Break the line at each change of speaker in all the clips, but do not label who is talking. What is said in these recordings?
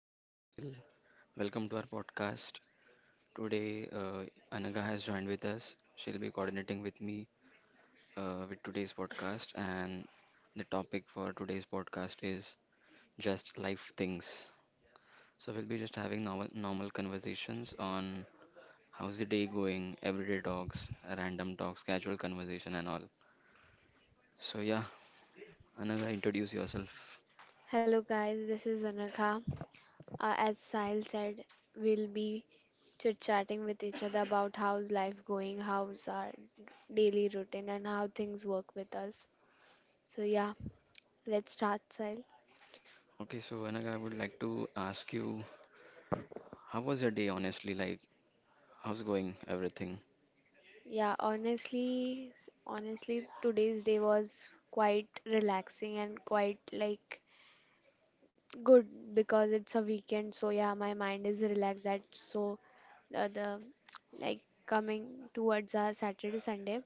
this is Sahil. Welcome to our podcast. Today, Anaga has joined with us. She'll be coordinating with me with today's podcast, and the topic for today's podcast is just life things. So, we'll be just having normal conversations on how's the day going, everyday talks, random talks, casual conversation, and all. So, yeah, Anaga, introduce yourself.
Hello, guys, this is Anakha. As Sahil said, we'll be chit chatting with each other about how's life going, how's our daily routine, and how things work with us. So, yeah, let's start, Sahil.
Okay, so Anaga, I would like to ask you, how was your day, honestly? Like, how's going everything?
Yeah, honestly, today's day was quite relaxing and quite like good, because it's a weekend, so yeah, my mind is relaxed. That so the like coming towards our Saturday, Sunday,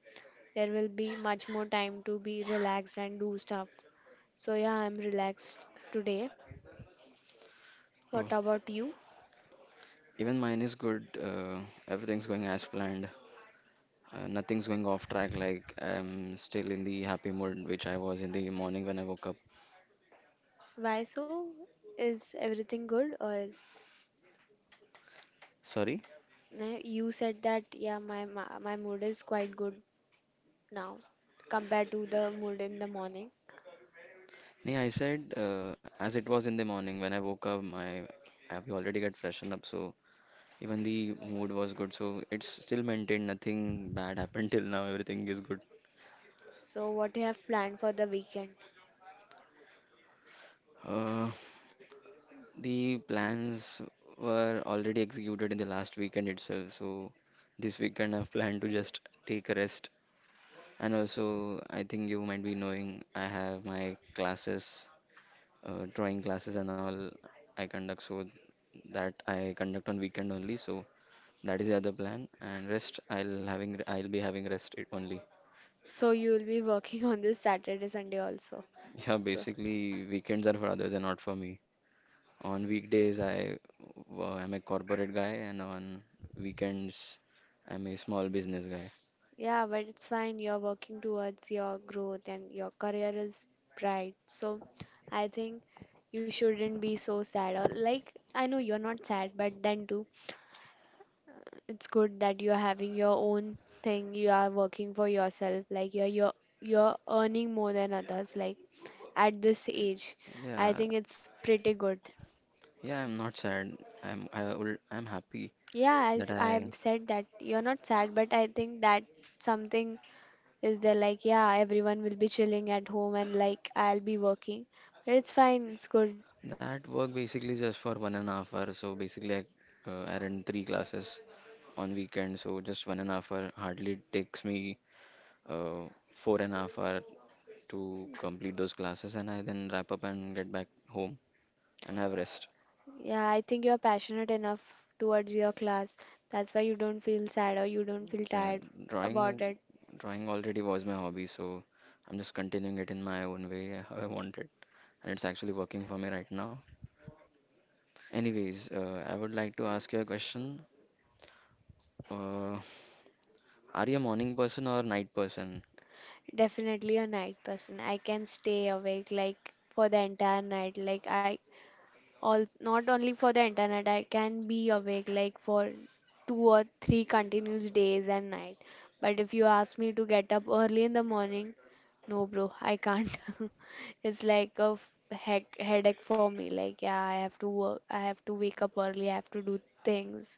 there will be much more time to be relaxed and do stuff. So yeah, I'm relaxed today.
Oh,
What about you?
even mine is good. Everything's going as planned. Nothing's going off track. Like I'm still in the happy mood, which I was in the morning when I woke up.
Why so? Is everything good or is
Sorry?
nah, you said that yeah, my mood is quite good now compared to the mood in the morning.
Yeah, I said as it was in the morning when I woke up. My I we already got freshened up, so even the mood was good. So it's still maintained. Nothing bad happened till now. Everything is good.
So what you have planned for the weekend?
Uh, the plans were already executed in the last weekend itself. So this weekend I've planned to just take a rest. And also, I think you might be knowing I have my classes, drawing classes and all I conduct, so that I conduct on weekend only. So that is the other plan. And rest, I'll be having rest it only.
So you'll be working on this Saturday, Sunday also.
Yeah,
So
basically weekends are for others and not for me. On weekdays, I am a corporate guy, and on weekends, I'm a small business guy.
yeah, but it's fine. You're working towards your growth and your career is bright. So I think you shouldn't be so sad or like I know you're not sad, but then too, it's good that you're having your own thing. You are working for yourself. Like you're earning more than others. Like at this age, I
Yeah,
think it's pretty good.
yeah, I'm not sad. I'm happy
Yeah, I, s-
that
I
I
said that you're not sad, but I think that something is there. Like, yeah, everyone will be chilling at home and like I'll be working, but it's fine, it's good.
that work basically just for 1.5 hours. So basically, I run three classes on weekend. So just 1.5 hours hardly takes me uh, 4.5 hours to complete those classes, and I then wrap up and get back home and have rest.
Yeah, I think you're passionate enough towards your class. That's why you don't feel sad or you don't feel
Yeah,
tired about
drawing
it.
drawing already was my hobby, so I'm just continuing it in my own way, how I want it, and it's actually working for me right now. Anyways, I would like to ask you a question. Uh, are you a morning person or a night person?
Definitely a night person. I can stay awake like for the entire night. Like I All, not only for the internet, I can be awake like for 2 or 3 continuous days and night. But if you ask me to get up early in the morning, no, bro, I can't. It's like a heck, headache for me. Like, yeah, I have to work, I have to wake up early, I have to do things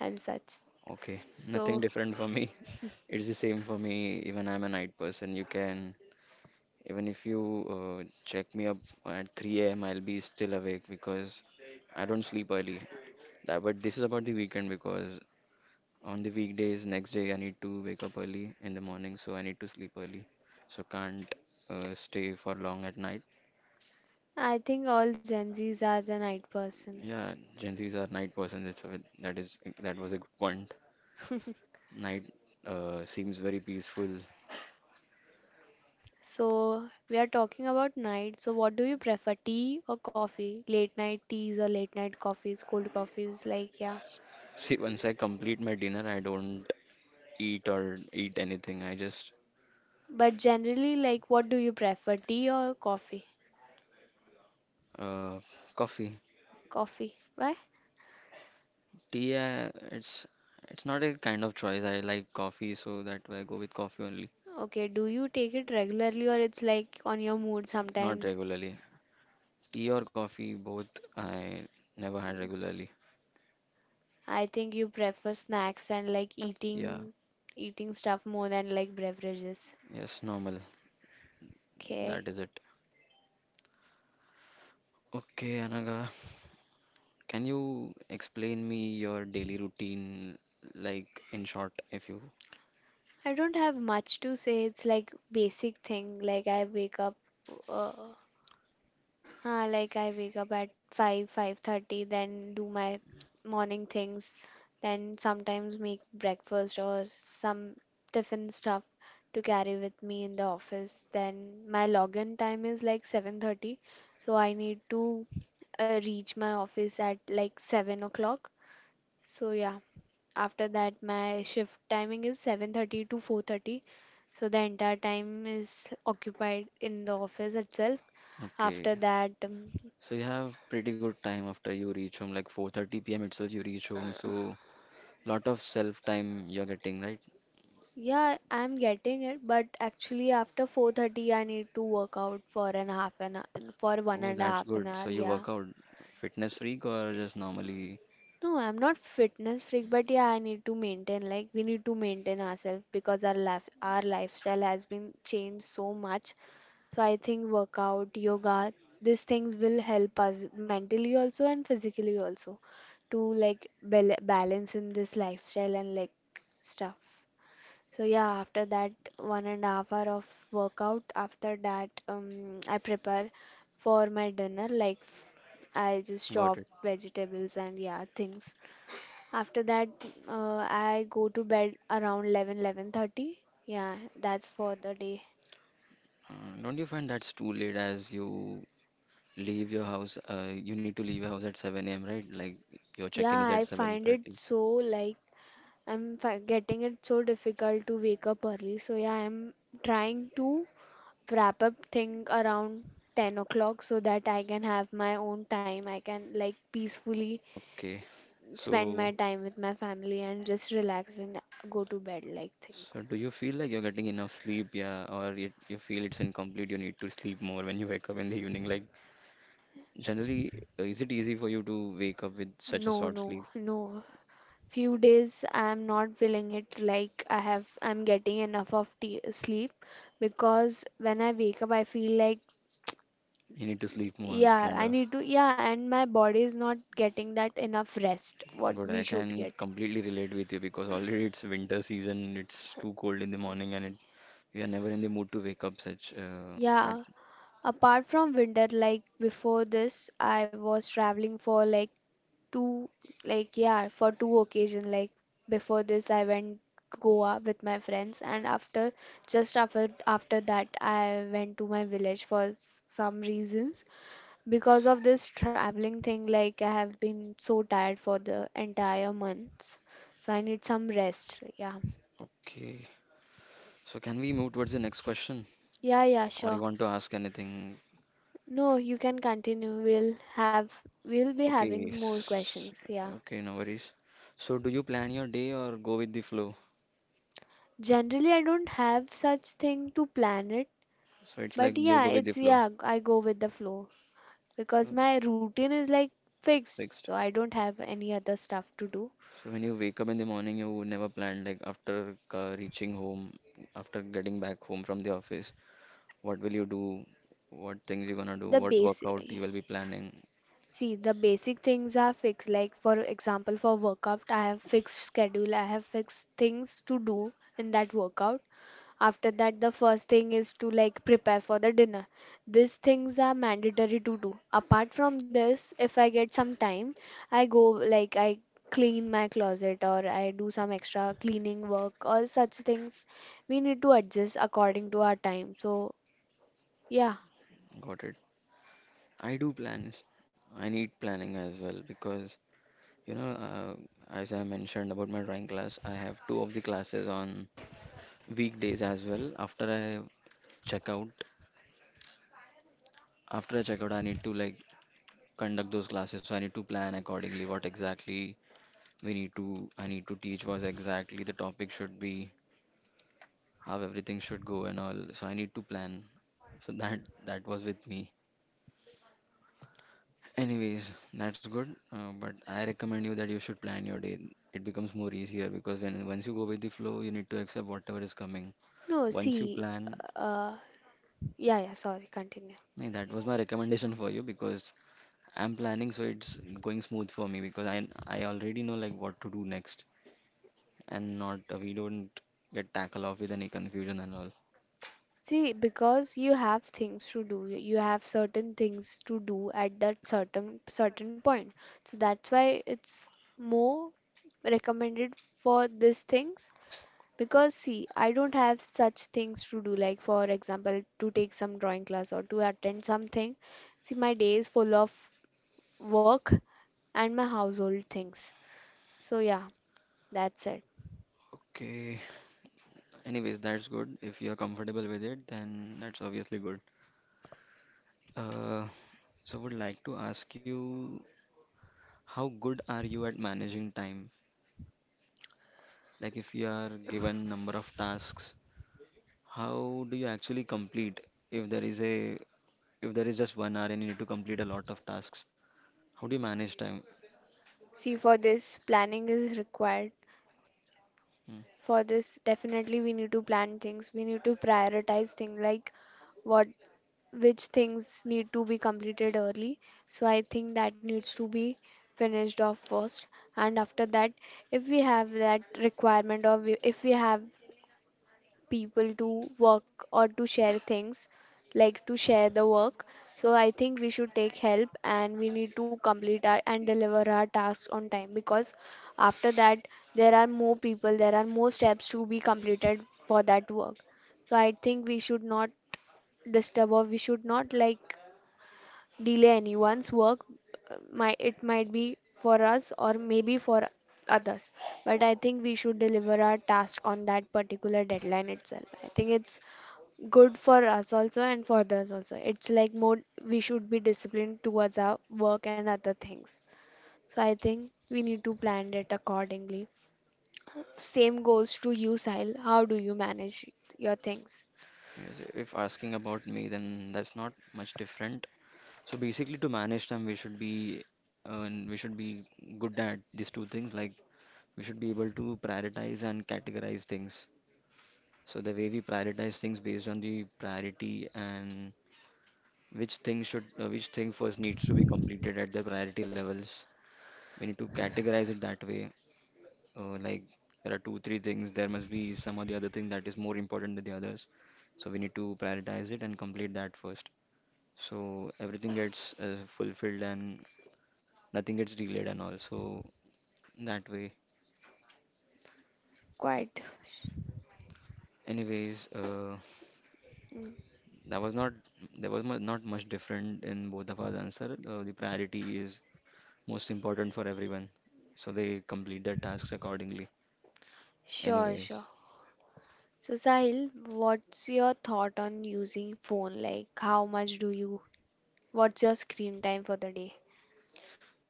and such.
Okay,
So,
nothing different for me. It's the same for me. Even I'm a night person. Even if you check me up at 3 a.m., I'll be still awake because I don't sleep early. That, but this is about the weekend because on the weekdays, next day, I need to wake up early in the morning, so I need to sleep early. So can't stay for long at night.
I think all Gen Zs are the night person.
Yeah, Gen Zs are night persons. It's a, that is That was a good point. Night seems very peaceful.
So we are talking about night. So what do you prefer, tea or coffee? Late night teas or late night coffees, cold coffees, like, yeah.
See, once I complete my dinner, I don't eat anything. I just
But generally, like, what do you prefer, tea or coffee?
uh, coffee,
Coffee. Why?
tea. It's not a kind of choice. I like coffee, so that I go with coffee only.
Okay, do you take it regularly or it's like on your mood
Not
sometimes?
regularly. Tea or coffee, both I never had regularly.
I think you prefer snacks and like
Yeah,
eating stuff more than like beverages.
yes, normal.
Okay.
That is it. Okay, Anaga, can you explain me your daily routine, like in short, if you
I don't have much to say. It's like basic thing. Uh, like I wake up at 5, 5:30, then do my morning things, then sometimes make breakfast or some tiffin stuff to carry with me in the office. Then my login time is like 7:30, so I need to reach my office at like 7 o'clock. So yeah, after that my shift timing is 7:30 to 4:30. So the entire time is occupied in the office itself.
okay?
After that, um,
So you have pretty good time after you reach home, like 4:30 p.m. itself you reach home.
uh,
So lot of self time you're getting, right?
Yeah, I'm getting it, but actually after 4:30 I need to work out for one
Oh,
and a
that's
half an
good.
hour,
So you
yeah.
work out, fitness freak or just normally?
No, I'm not fitness freak, but yeah, I need to maintain. Like, we need to maintain ourselves because our lifestyle has been changed so much. So I think workout, yoga, these things will help us mentally also and physically also to like balance in this lifestyle and like stuff. So yeah, after that 1.5 hour of workout, after that I prepare for my dinner. I just
Got
chop
it.
vegetables and yeah things. After that, I go to bed around 11, 11:30. Yeah, that's for the day.
Uh, don't you find that's too late as you leave your house? You need to leave your house at 7 a.m., right? Like your check-in
Yeah,
is at
I find it
7:30.
so like I'm getting it so difficult to wake up early. So yeah, I'm trying to wrap up thing around 10 o'clock so that I can have my own time. I can like peacefully
Okay.
spend
So,
my time with my family and just relax and go to bed like
so
things.
do you feel like you're getting enough sleep? Yeah, or it, you feel it's incomplete? You need to sleep more when you wake up in the evening. Like generally, is it easy for you to wake up with such a
No,
short
no,
sleep?
no. Few days I'm not feeling it like I'm getting enough of tea, sleep because when I wake up I feel like
You need to sleep more,
yeah,
kind
I
of.
need to. Yeah, and my body is not getting that enough rest what
Good,
we
I
should
can
get.
completely relate with you because already it's winter season, it's too cold in the morning and it we are never in the mood to wake up such at
Yeah, apart from winter, like before this, I was traveling for two, for two occasions. Like before this, I went Goa with my friends, and after just after after that, I went to my village for some reasons. Because of this traveling thing, like I have been so tired for the entire months, so I need some rest. Yeah,
okay. So can we move towards the next question
yeah, yeah,
or you
sure.
want to ask anything?
No, you can continue. We'll have we'll be
Okay,
having more questions. Yeah.
okay, no worries. So do you plan your day or go with the flow?
Generally, I don't have such thing to plan it,
So it's like
but
you
yeah,
go with the flow.
I go with the flow because
Uh,
my routine is like fixed,
Fixed.
so I don't have any other stuff to do.
So when you wake up in the morning, you never plan. Like after reaching home, after getting back home from the office, what will you do? What things you're gonna do?
The
What workout you
basic,
will be planning?
see, the basic things are fixed. Like for example, for workout, I have fixed schedule, I have fixed things to do in that workout. After that, the first thing is to like prepare for the dinner. These things are mandatory to do. Apart from this, if I get some time, I go like I clean my closet or I do some extra cleaning work or such things. We need to adjust according to our time. So, yeah,
Got it. I do plans. I need planning as well because you know, as I mentioned about my drawing class, I have two of the classes on weekdays as well. Check out, After I check out, I need to like conduct those classes. So I need to plan accordingly what exactly we need to I need to teach was exactly the topic should be how everything should go and all. So I need to plan. So that was with me. Anyways, that's good. But I recommend you that you should plan your day. It becomes more easier because when once you go with the flow, you need to accept whatever is coming.
no,
Once you
see,
plan,
uh, yeah, yeah, sorry, continue.
yeah, that was my recommendation for you because I'm planning, so it's going smooth for me because I already know like what to do next and not we don't get tackle off with any confusion and all.
See, because you have things to do, you have certain things to do at that certain point. So that's why it's more recommended for these things. Because see, I don't have such things to do, like for example, to take some drawing class or to attend something. See, my day is full of work and my household things. So yeah, that's it.
Okay. Anyways, that's good. If you're comfortable with it, then that's obviously good. Uh, so would like to ask you, how good are you at managing time? Like if you are given number of tasks, how do you actually complete? If there is a, if there is just 1 hour and you need to complete a lot of tasks, how do you manage time?
See, for this, planning is required
Hmm.
for this definitely we need to plan things. We need to prioritize things. Like, what, which things need to be completed early? So I think that needs to be finished off first. And after that, if we have that requirement, or if we have people to work or to share things, like to share the work. So I think we should take help and we need to complete our and deliver our tasks on time because after that there are more people, there are more steps to be completed for that work. So I think we should not disturb or we should not like delay anyone's work. My it might be for us or maybe for others, but I think we should deliver our task on that particular deadline itself. I think it's good for us also and for others also. It's like more we should be disciplined towards our work and other things. So I think we need to plan it accordingly. Same goes to you, Sahil. How do you manage your things?
Anyways, if asking about me, then that's not much different. So basically, to manage time, we should be good at these two things, like we should be able to prioritize and categorize things. So the way we prioritize things based on the priority and which thing should which thing first needs to be completed at the priority levels. We need to categorize it that way. Like there are two, three things. There must be some or the other thing that is more important than the others. So we need to prioritize it and complete that first. So everything gets fulfilled and nothing gets delayed and all. So that way.
Quite.
Anyways,
Mm.
That was not There was not much different in both of our answer. The priority is most important for everyone, so they complete their tasks accordingly.
Sure,
Anyways,
sure. So Sahil, what's your thought on using phone? Like how much do you, What's your screen time for the day?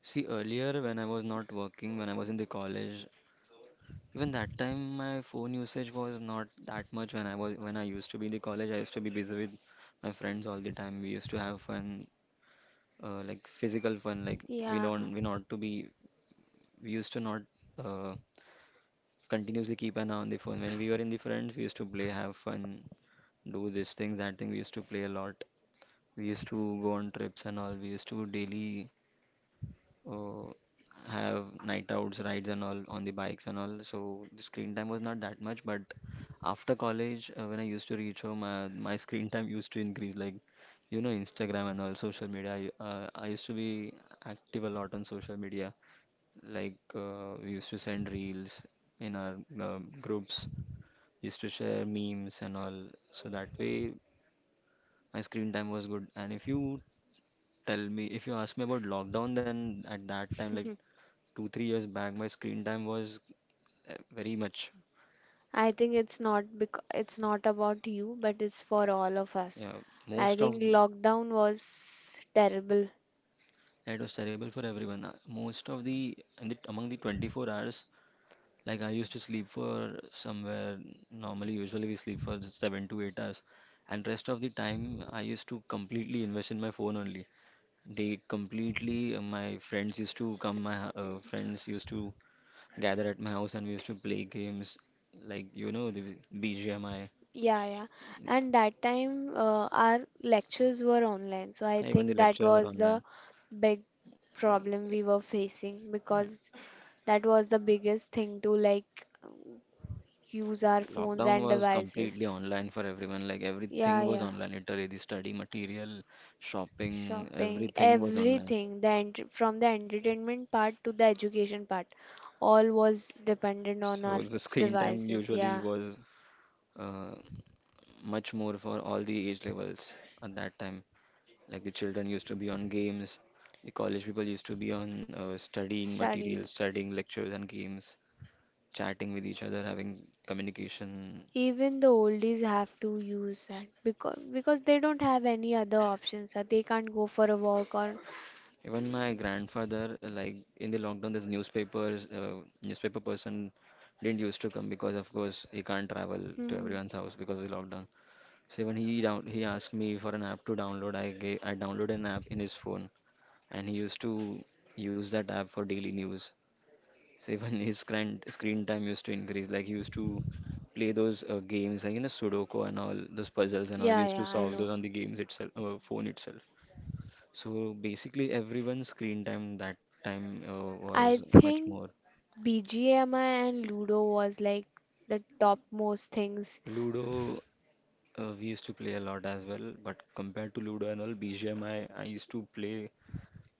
see earlier when I was not working, when I was in the college, even that time my phone usage was not that much. When I used to be in the college, I used to be busy with my friends all the time. We used to have fun, like physical fun. Like we
Yeah.
don't we not to be we used to not uh, continuously keep an eye on the phone. When we were in the friends, we used to play, have fun, do this thing, that thing. We used to play a lot. We used to go on trips and all. We used to daily uh, have night outs, rides and all on the bikes and all. So the screen time was not that much, but after college, when I used to reach home, my screen time used to increase. Like, you know, Instagram and all social media. I used to be active a lot on social media. Like, we used to send reels in our groups used to share memes and all. So that way my screen time was good. And if you ask me about lockdown, then at that time, like two, 3 years back, my screen time was very much.
I think it's not about you, but it's for all of us.
Yeah,
I
most of
think lockdown was terrible.
it was terrible for everyone. Most of the in the among the 24 hours, like I used to sleep for somewhere normally, usually we sleep for 7 to 8 hours, and rest of the time I used to completely invest in my phone only. They completely, my friends used to come, my friends used to gather at my house and we used to play games like, you know, the BGMI,
Yeah, yeah. And that time, our lectures were online, so I
even the
think that
lectures were
was the
online.
big problem we were facing because that was the biggest thing to like use our phones
Lockdown
and
was completely
devices.
online for everyone, like
Yeah,
everything was
yeah.
online, literally the study material, shopping,
Shopping,
everything was online.
everything, from the entertainment part to the education part, all was dependent on our
So the screen time
devices.
usually
Yeah,
was uh, much more for all the age levels at that time. Like the children used to be on games, the college people used to be on studying materials,
studies.
studying lectures and games, chatting with each other, having communication.
Even the oldies have to use that because they don't have any other options. They can't go for a walk or
Even my grandfather, like in the lockdown, this newspapers, newspaper person didn't used to come because, of course, he can't travel to
hmm,
everyone's house because of the lockdown. So when he down, he asked me for an app to download. I downloaded an app in his phone, and he used to use that app for daily news. So even his screen time used to increase. Like he used to play those games, like you know, Sudoku and all those puzzles and all. He
yeah,
used to
yeah, I
solve
know.
those on the games itself, phone itself. So basically, everyone's screen time that time was
I
much
think
more.
BGMI and Ludo was like the topmost things.
Ludo, we used to play a lot as well, but compared to Ludo and all, BGMI, I used to play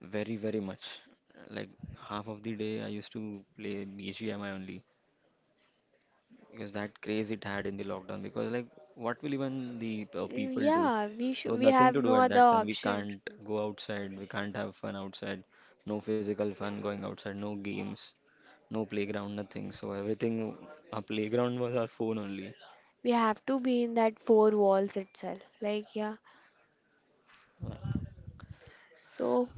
very, very much. Like half of the day, I used to play BGMI only, because that craze it had in the lockdown, because like what will even the people do?
Yeah, we sh
There was
we
nothing
have
to do
no
at
other
that time. We
option.
can't go outside, we can't have fun outside, no physical fun going outside, no games, no playground, nothing. So everything, our playground was our phone only.
We have to be in that four walls itself. Like, yeah.
Like,
So,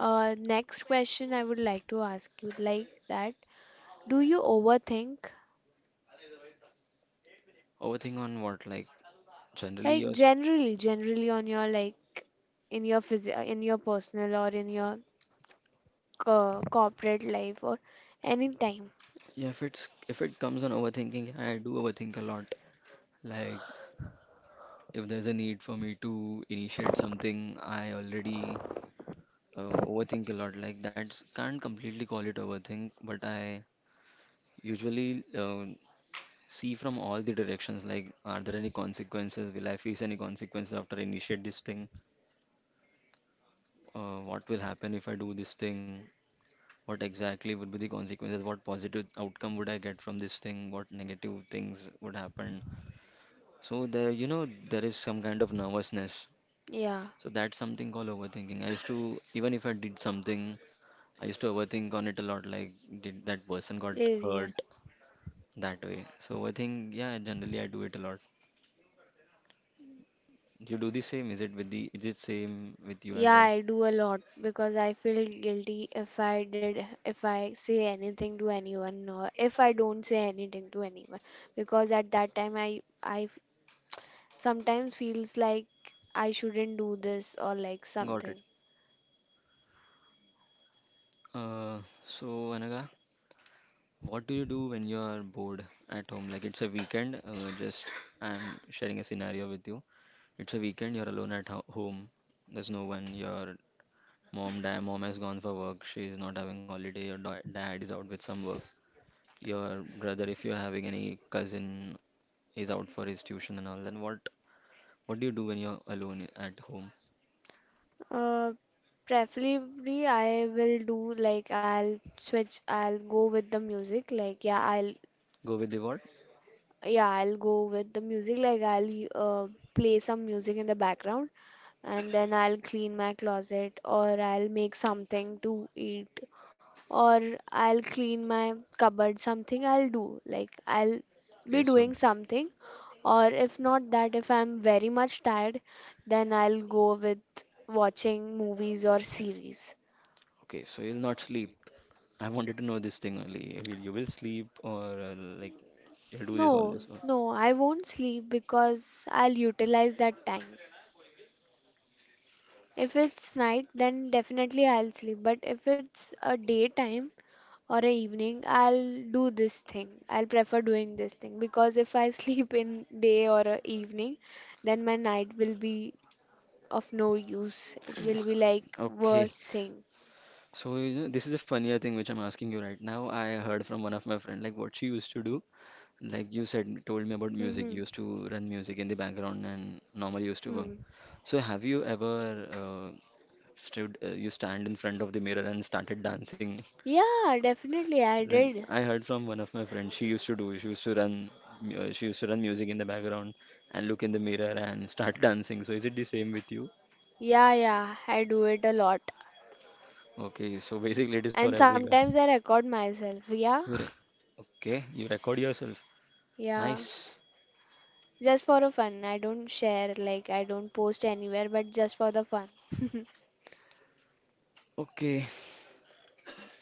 next question I would like to ask you like that. Do you overthink?
overthink on what? Like generally your
Like generally, on your in your personal or in your co corporate life or any time.
yeah, if it's if it comes on overthinking, yeah, I do overthink a lot. Like if there's a need for me to initiate something, I already overthink a lot. Like, that's, can't completely call it overthink, but I usually see from all the directions. Like, are there any consequences? Will I face any consequences after I initiate this thing? What will happen if I do this thing? What exactly would be the consequences? What positive outcome would I get from this thing? What negative things would happen? So there, you know, there is some kind of nervousness.
Yeah.
So that's something called overthinking. I used to, even if I did something, I used to overthink on it a lot, like did that person got
Please, yeah.
hurt that way. So overthink, yeah, generally I do it a lot. You do the same, is it with the is it same with you as
Yeah,
well?
I do a lot because I feel guilty if I did, if I say anything to anyone, or if I don't say anything to anyone, because at that time I sometimes feels like I shouldn't do this or like
Got it.
something.
Uh, so Anaga, what do you do when you are bored at home? Like it's a weekend, just I'm sharing a scenario with you. It's a weekend, you're alone at ho home. There's no one. Your mom, dad, mom has gone for work. She's not having holiday. Your dad is out with some work. Your brother, if you're having any cousin, is out for his tuition and all, then what do you do when you're alone at home?
Uh, preferably I will do like I'll go with the music. Like yeah, I'll
Go with the what?
Yeah, I'll go with the music. Like I'll play some music in the background and then I'll clean my closet or I'll make something to eat or I'll clean my cupboard. Something I'll do. Like, I'll
Okay,
be
so
doing something or if not that, if I'm very much tired, then I'll go with watching movies or series.
okay, so you'll not sleep. I wanted to know this thing only. Will you will sleep or like you'll do this, all
No,
this one?
no, I won't sleep because I'll utilize that time. If it's night, then definitely I'll sleep. But if it's a daytime or a evening, I'll do this thing. I'll prefer doing this thing because if I sleep in day or a evening, then my night will be of no use. It will be like
Okay,
worst thing.
so you know, this is the funnier thing which I'm asking you right now. I heard from one of my friend like what she used to do. Like you said, told me about music. You
Hmm.
used to run music in the background and normally used to work.
Hmm.
So have you ever stood, you stand in front of the mirror and started dancing?
Yeah, definitely I
Like
did.
I heard from one of my friends, she used to do. She used to run, she used to run music in the background and look in the mirror and start dancing. So is it the same with you?
Yeah, yeah, I do it a lot.
Okay, so basically it is for
And
every girl.
sometimes I record myself. Yeah,
Who re- Okay, you record yourself.
yeah.
Nice.
Just for a fun. I don't share, like, I don't post anywhere, but just for the fun.
Okay,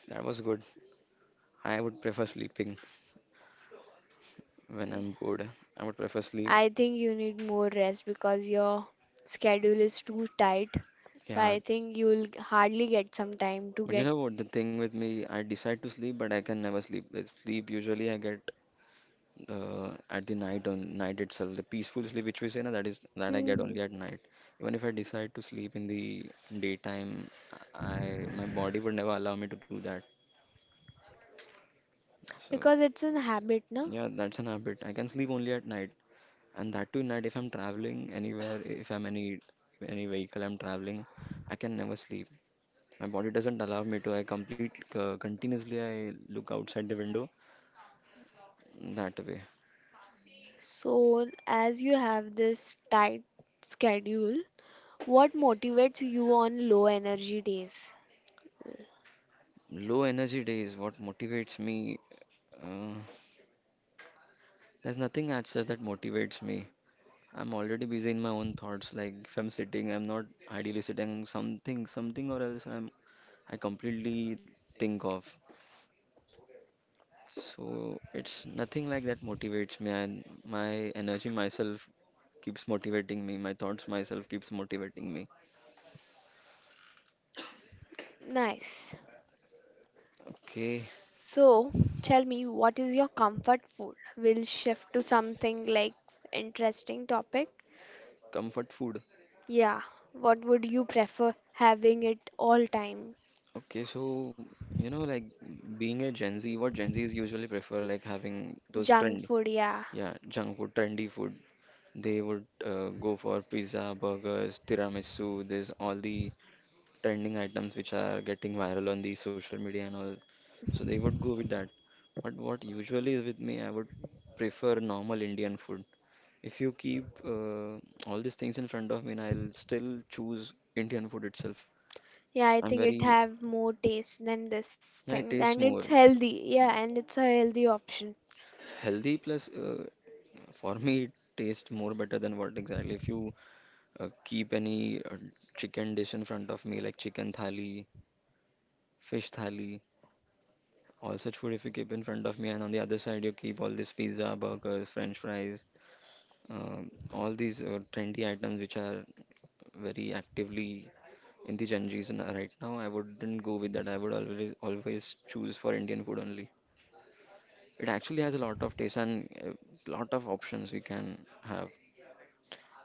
that was good. I would prefer sleeping. When I'm bored, I would prefer sleep.
I think you need more rest because your schedule is too tight. So
Yeah,
I think you'll hardly get some time to
but you
get.
know what? The thing with me, I decide to sleep, but I can never sleep. Sleep usually I get at the night on night itself. The peaceful sleep which we say, na, that is that I get
Hmm.
only at night. Even if I decide to sleep in the daytime, I my body would never allow me to do that. So
Because it's a habit, no?
yeah, that's an habit. I can sleep only at night, and that too night if I'm traveling anywhere, if I'm any vehicle I'm traveling, I can never sleep. My body doesn't allow me to. I complete continuously, I look outside the window that way.
So, as you have this tight schedule, what motivates you on low energy days?
Low energy days. What motivates me? Uh, there's nothing as such that motivates me. I'm already busy in my own thoughts. Like if I'm sitting, I'm not ideally sitting. Something, something or else. I'm. I completely think of. So it's nothing like that motivates me. And my energy myself keeps motivating me. My thoughts myself keeps motivating me.
Nice.
Okay,
So, tell me, what is your comfort food? We'll shift to something like interesting topic.
comfort food.
Yeah, what would you prefer having it all time?
Okay, so you know, like being a Gen Z, what Gen Zs usually prefer, like having those
Junk
trendy,
food, yeah.
yeah, junk food, trendy food. They would go for pizza, burgers, tiramisu. There's all the trending items which are getting viral on the social media and all. So they would go with that. But what usually is with me, I would prefer normal Indian food. If you keep all these things in front of me, and I'll still choose Indian food itself.
Yeah, I
I'm
think it
very,
have more taste than this
yeah, it
thing,
tastes
and
more
it's healthy. Yeah, and it's a healthy option.
healthy plus for me it tastes more better than what exactly if you keep any chicken dish in front of me like chicken thali, fish thali, all such food if you keep in front of me and on the other side you keep all this pizza, burgers, french fries, all these trendy items which are very actively in the right now, I wouldn't go with that. I would always choose for Indian food only. It actually has a lot of taste and a lot of options we can have.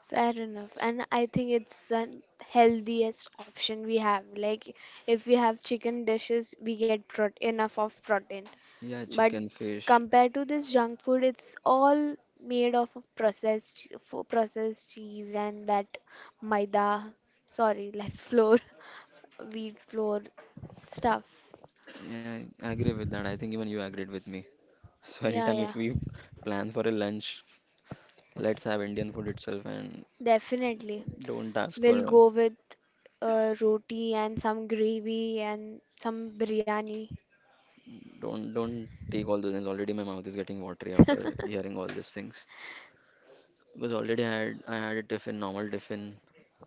Fair enough. And I think it's the healthiest option we have. Like, if we have chicken dishes, we get prot enough of protein.
Yeah,
But
chicken, fish.
compared to this junk food, it's all made of processed cheese and that maida, sorry, like flour, wheat flour stuff.
Yeah, I agree with that. I think even you agreed with me. So
Yeah,
anytime
yeah,
if we plan for a lunch, let's have Indian food itself and
definitely.
don't ask for
We'll
a,
go with roti and some gravy and some biryani.
don't take all those things. Already my mouth is getting watery after hearing all these things. Because already I had a tiffin, normal tiffin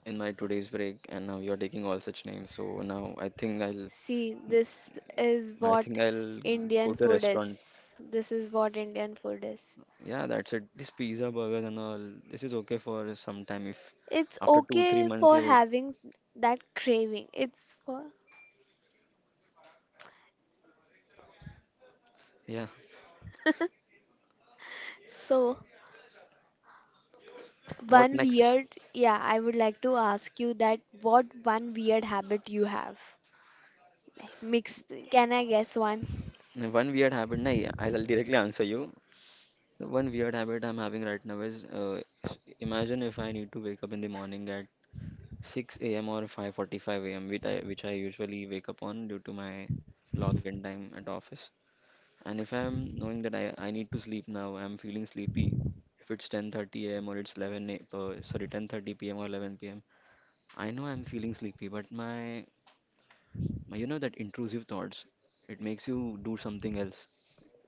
in my today's break and now you're taking all such names. So now I think
See, this is what
I'll
Indian
go to a
food
restaurant.
is. This is what Indian food is.
Yeah, that's it. This pizza burgers and all. This is okay for some time if
It's
after two three
okay
months
for
you wait.
having that craving. It's for.
Yeah.
So
What
one
next?
weird, yeah, I would like to ask you that what one weird habit you have. Like, Mix, can I guess one?
One weird habit. Nah, I'll directly answer you. The one weird habit I'm having right now is imagine if I need to wake up in the morning at 6 a.m. or 5:45 a.m., which I usually wake up on due to my login time at office. And if I'm knowing that I need to sleep now, I'm feeling sleepy. If it's 10:30 a.m. or it's 11 a, uh, sorry 10:30 p.m. or 11 p.m., I know I'm feeling sleepy, but my, you know, that intrusive thoughts, it makes you do something else.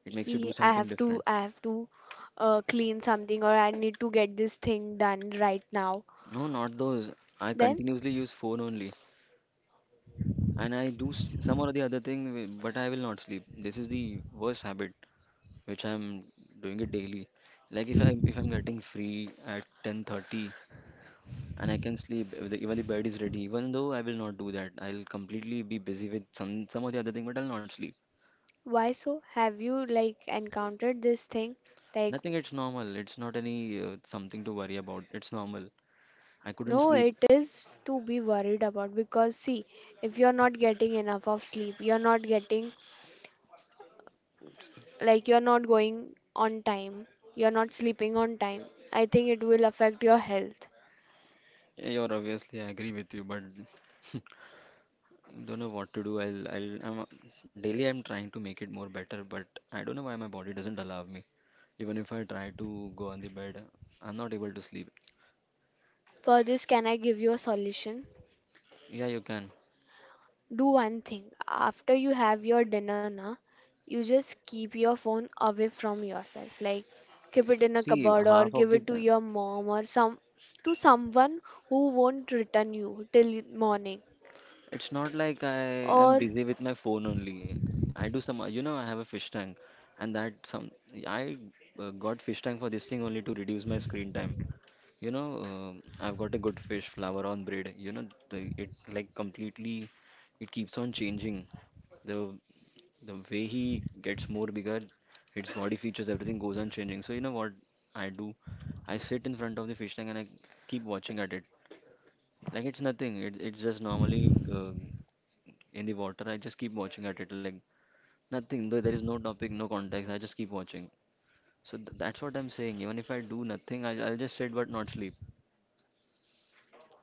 It makes you
He,
do
I
something
have to,
different.
I have to clean something or I need to get this thing done right now.
No, not those. I
Then
continuously use phone only, and I do some or the other thing, but I will not sleep. This is the worst habit which I'm doing it daily. Like if I'm getting free at 10:30, and I can sleep if the, even the bed is ready. Even though I will not do that, I'll completely be busy with some of the other thing, but I'll not sleep.
why so? Have you like encountered this thing? Like,
Nothing. It's normal. It's not any something to worry about. It's normal. I couldn't
no,
sleep.
it is to be worried about because see, if you're not getting enough of sleep, you're not going on time, you're not sleeping on time. I think it will affect your health.
You're obviously I agree with you, but don't know what to do. I'm daily I'm trying to make it more better, but I don't know why my body doesn't allow me. Even if I try to go on the bed, I'm not able to sleep.
For this, can I give you a solution?
Yeah, you can.
Do one thing. After you have your dinner na, you just keep your phone away from yourself. Like, keep it in a
See,
cupboard or
half of
give
the
it to
time,
your mom or some to someone who won't return you till morning,
it's not like I am
or.
busy with my phone only. I do some, you know, I have a fish tank, and that some I got fish tank for this thing only to reduce my screen time. You know, I've got a good fish flower on bread. You know, the it like completely it keeps on changing. The the way he gets more bigger, its body features, everything goes on changing. So you know what I do? I sit in front of the fish tank and I keep watching at it. Like it's nothing. It's just normally in the water. I just keep watching at it. Like nothing. Though there is no topic, no context. I just keep watching. So th that's what I'm saying. Even if I do nothing, I'll just sit but not sleep.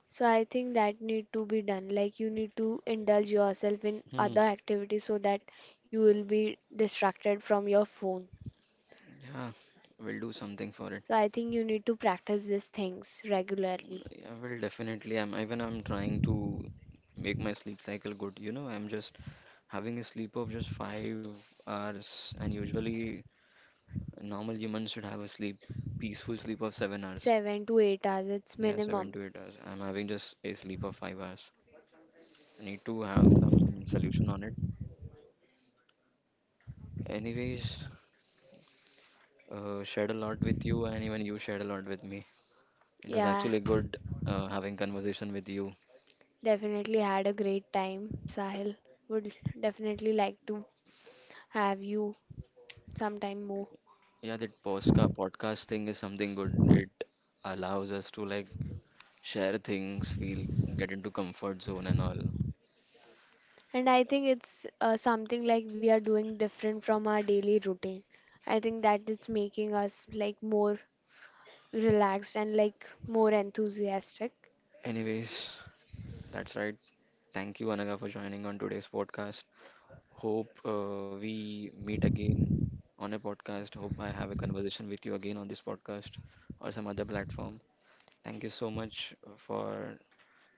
So I think that need to be done. Like, you need to indulge yourself in
Hmm.
other activities so that you will be distracted from your phone.
Yeah, we'll do something for it.
So I think you need to practice these things regularly.
I will definitely. I'm trying to make my sleep cycle good. You know, I'm just having a sleep of just 5 hours, and usually a normal humans should have a sleep, peaceful sleep of 7 hours.
7 to 8 hours, it's
Seven. Yeah, seven
minimum.
to eight hours. I'm having just a sleep of 5 hours. I need to have some solution on it. Anyways, shared a lot with you, and even you shared a lot with me. It was
Yeah,
actually good having conversation with you.
definitely had a great time. Sahil, would definitely like to have you sometime more.
Yeah, that postca podcast thing is something good. It allows us to like share things, feel, get into comfort zone and all.
And I think it's something like we are doing different from our daily routine. I think that it's making us like more relaxed and like more enthusiastic.
Anyways, that's right. Thank you, Anaga, for joining on today's podcast. Hope we meet again on a podcast. Hope I have a conversation with you again on this podcast or some other platform. Thank you so much for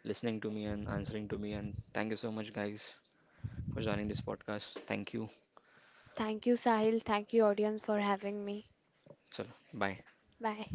listening to me and answering to me. And thank you so much, guys, for joining this podcast. Thank you.
Thank you, Sahil. Thank you, audience, for having me.
Chalo, bye.
Bye.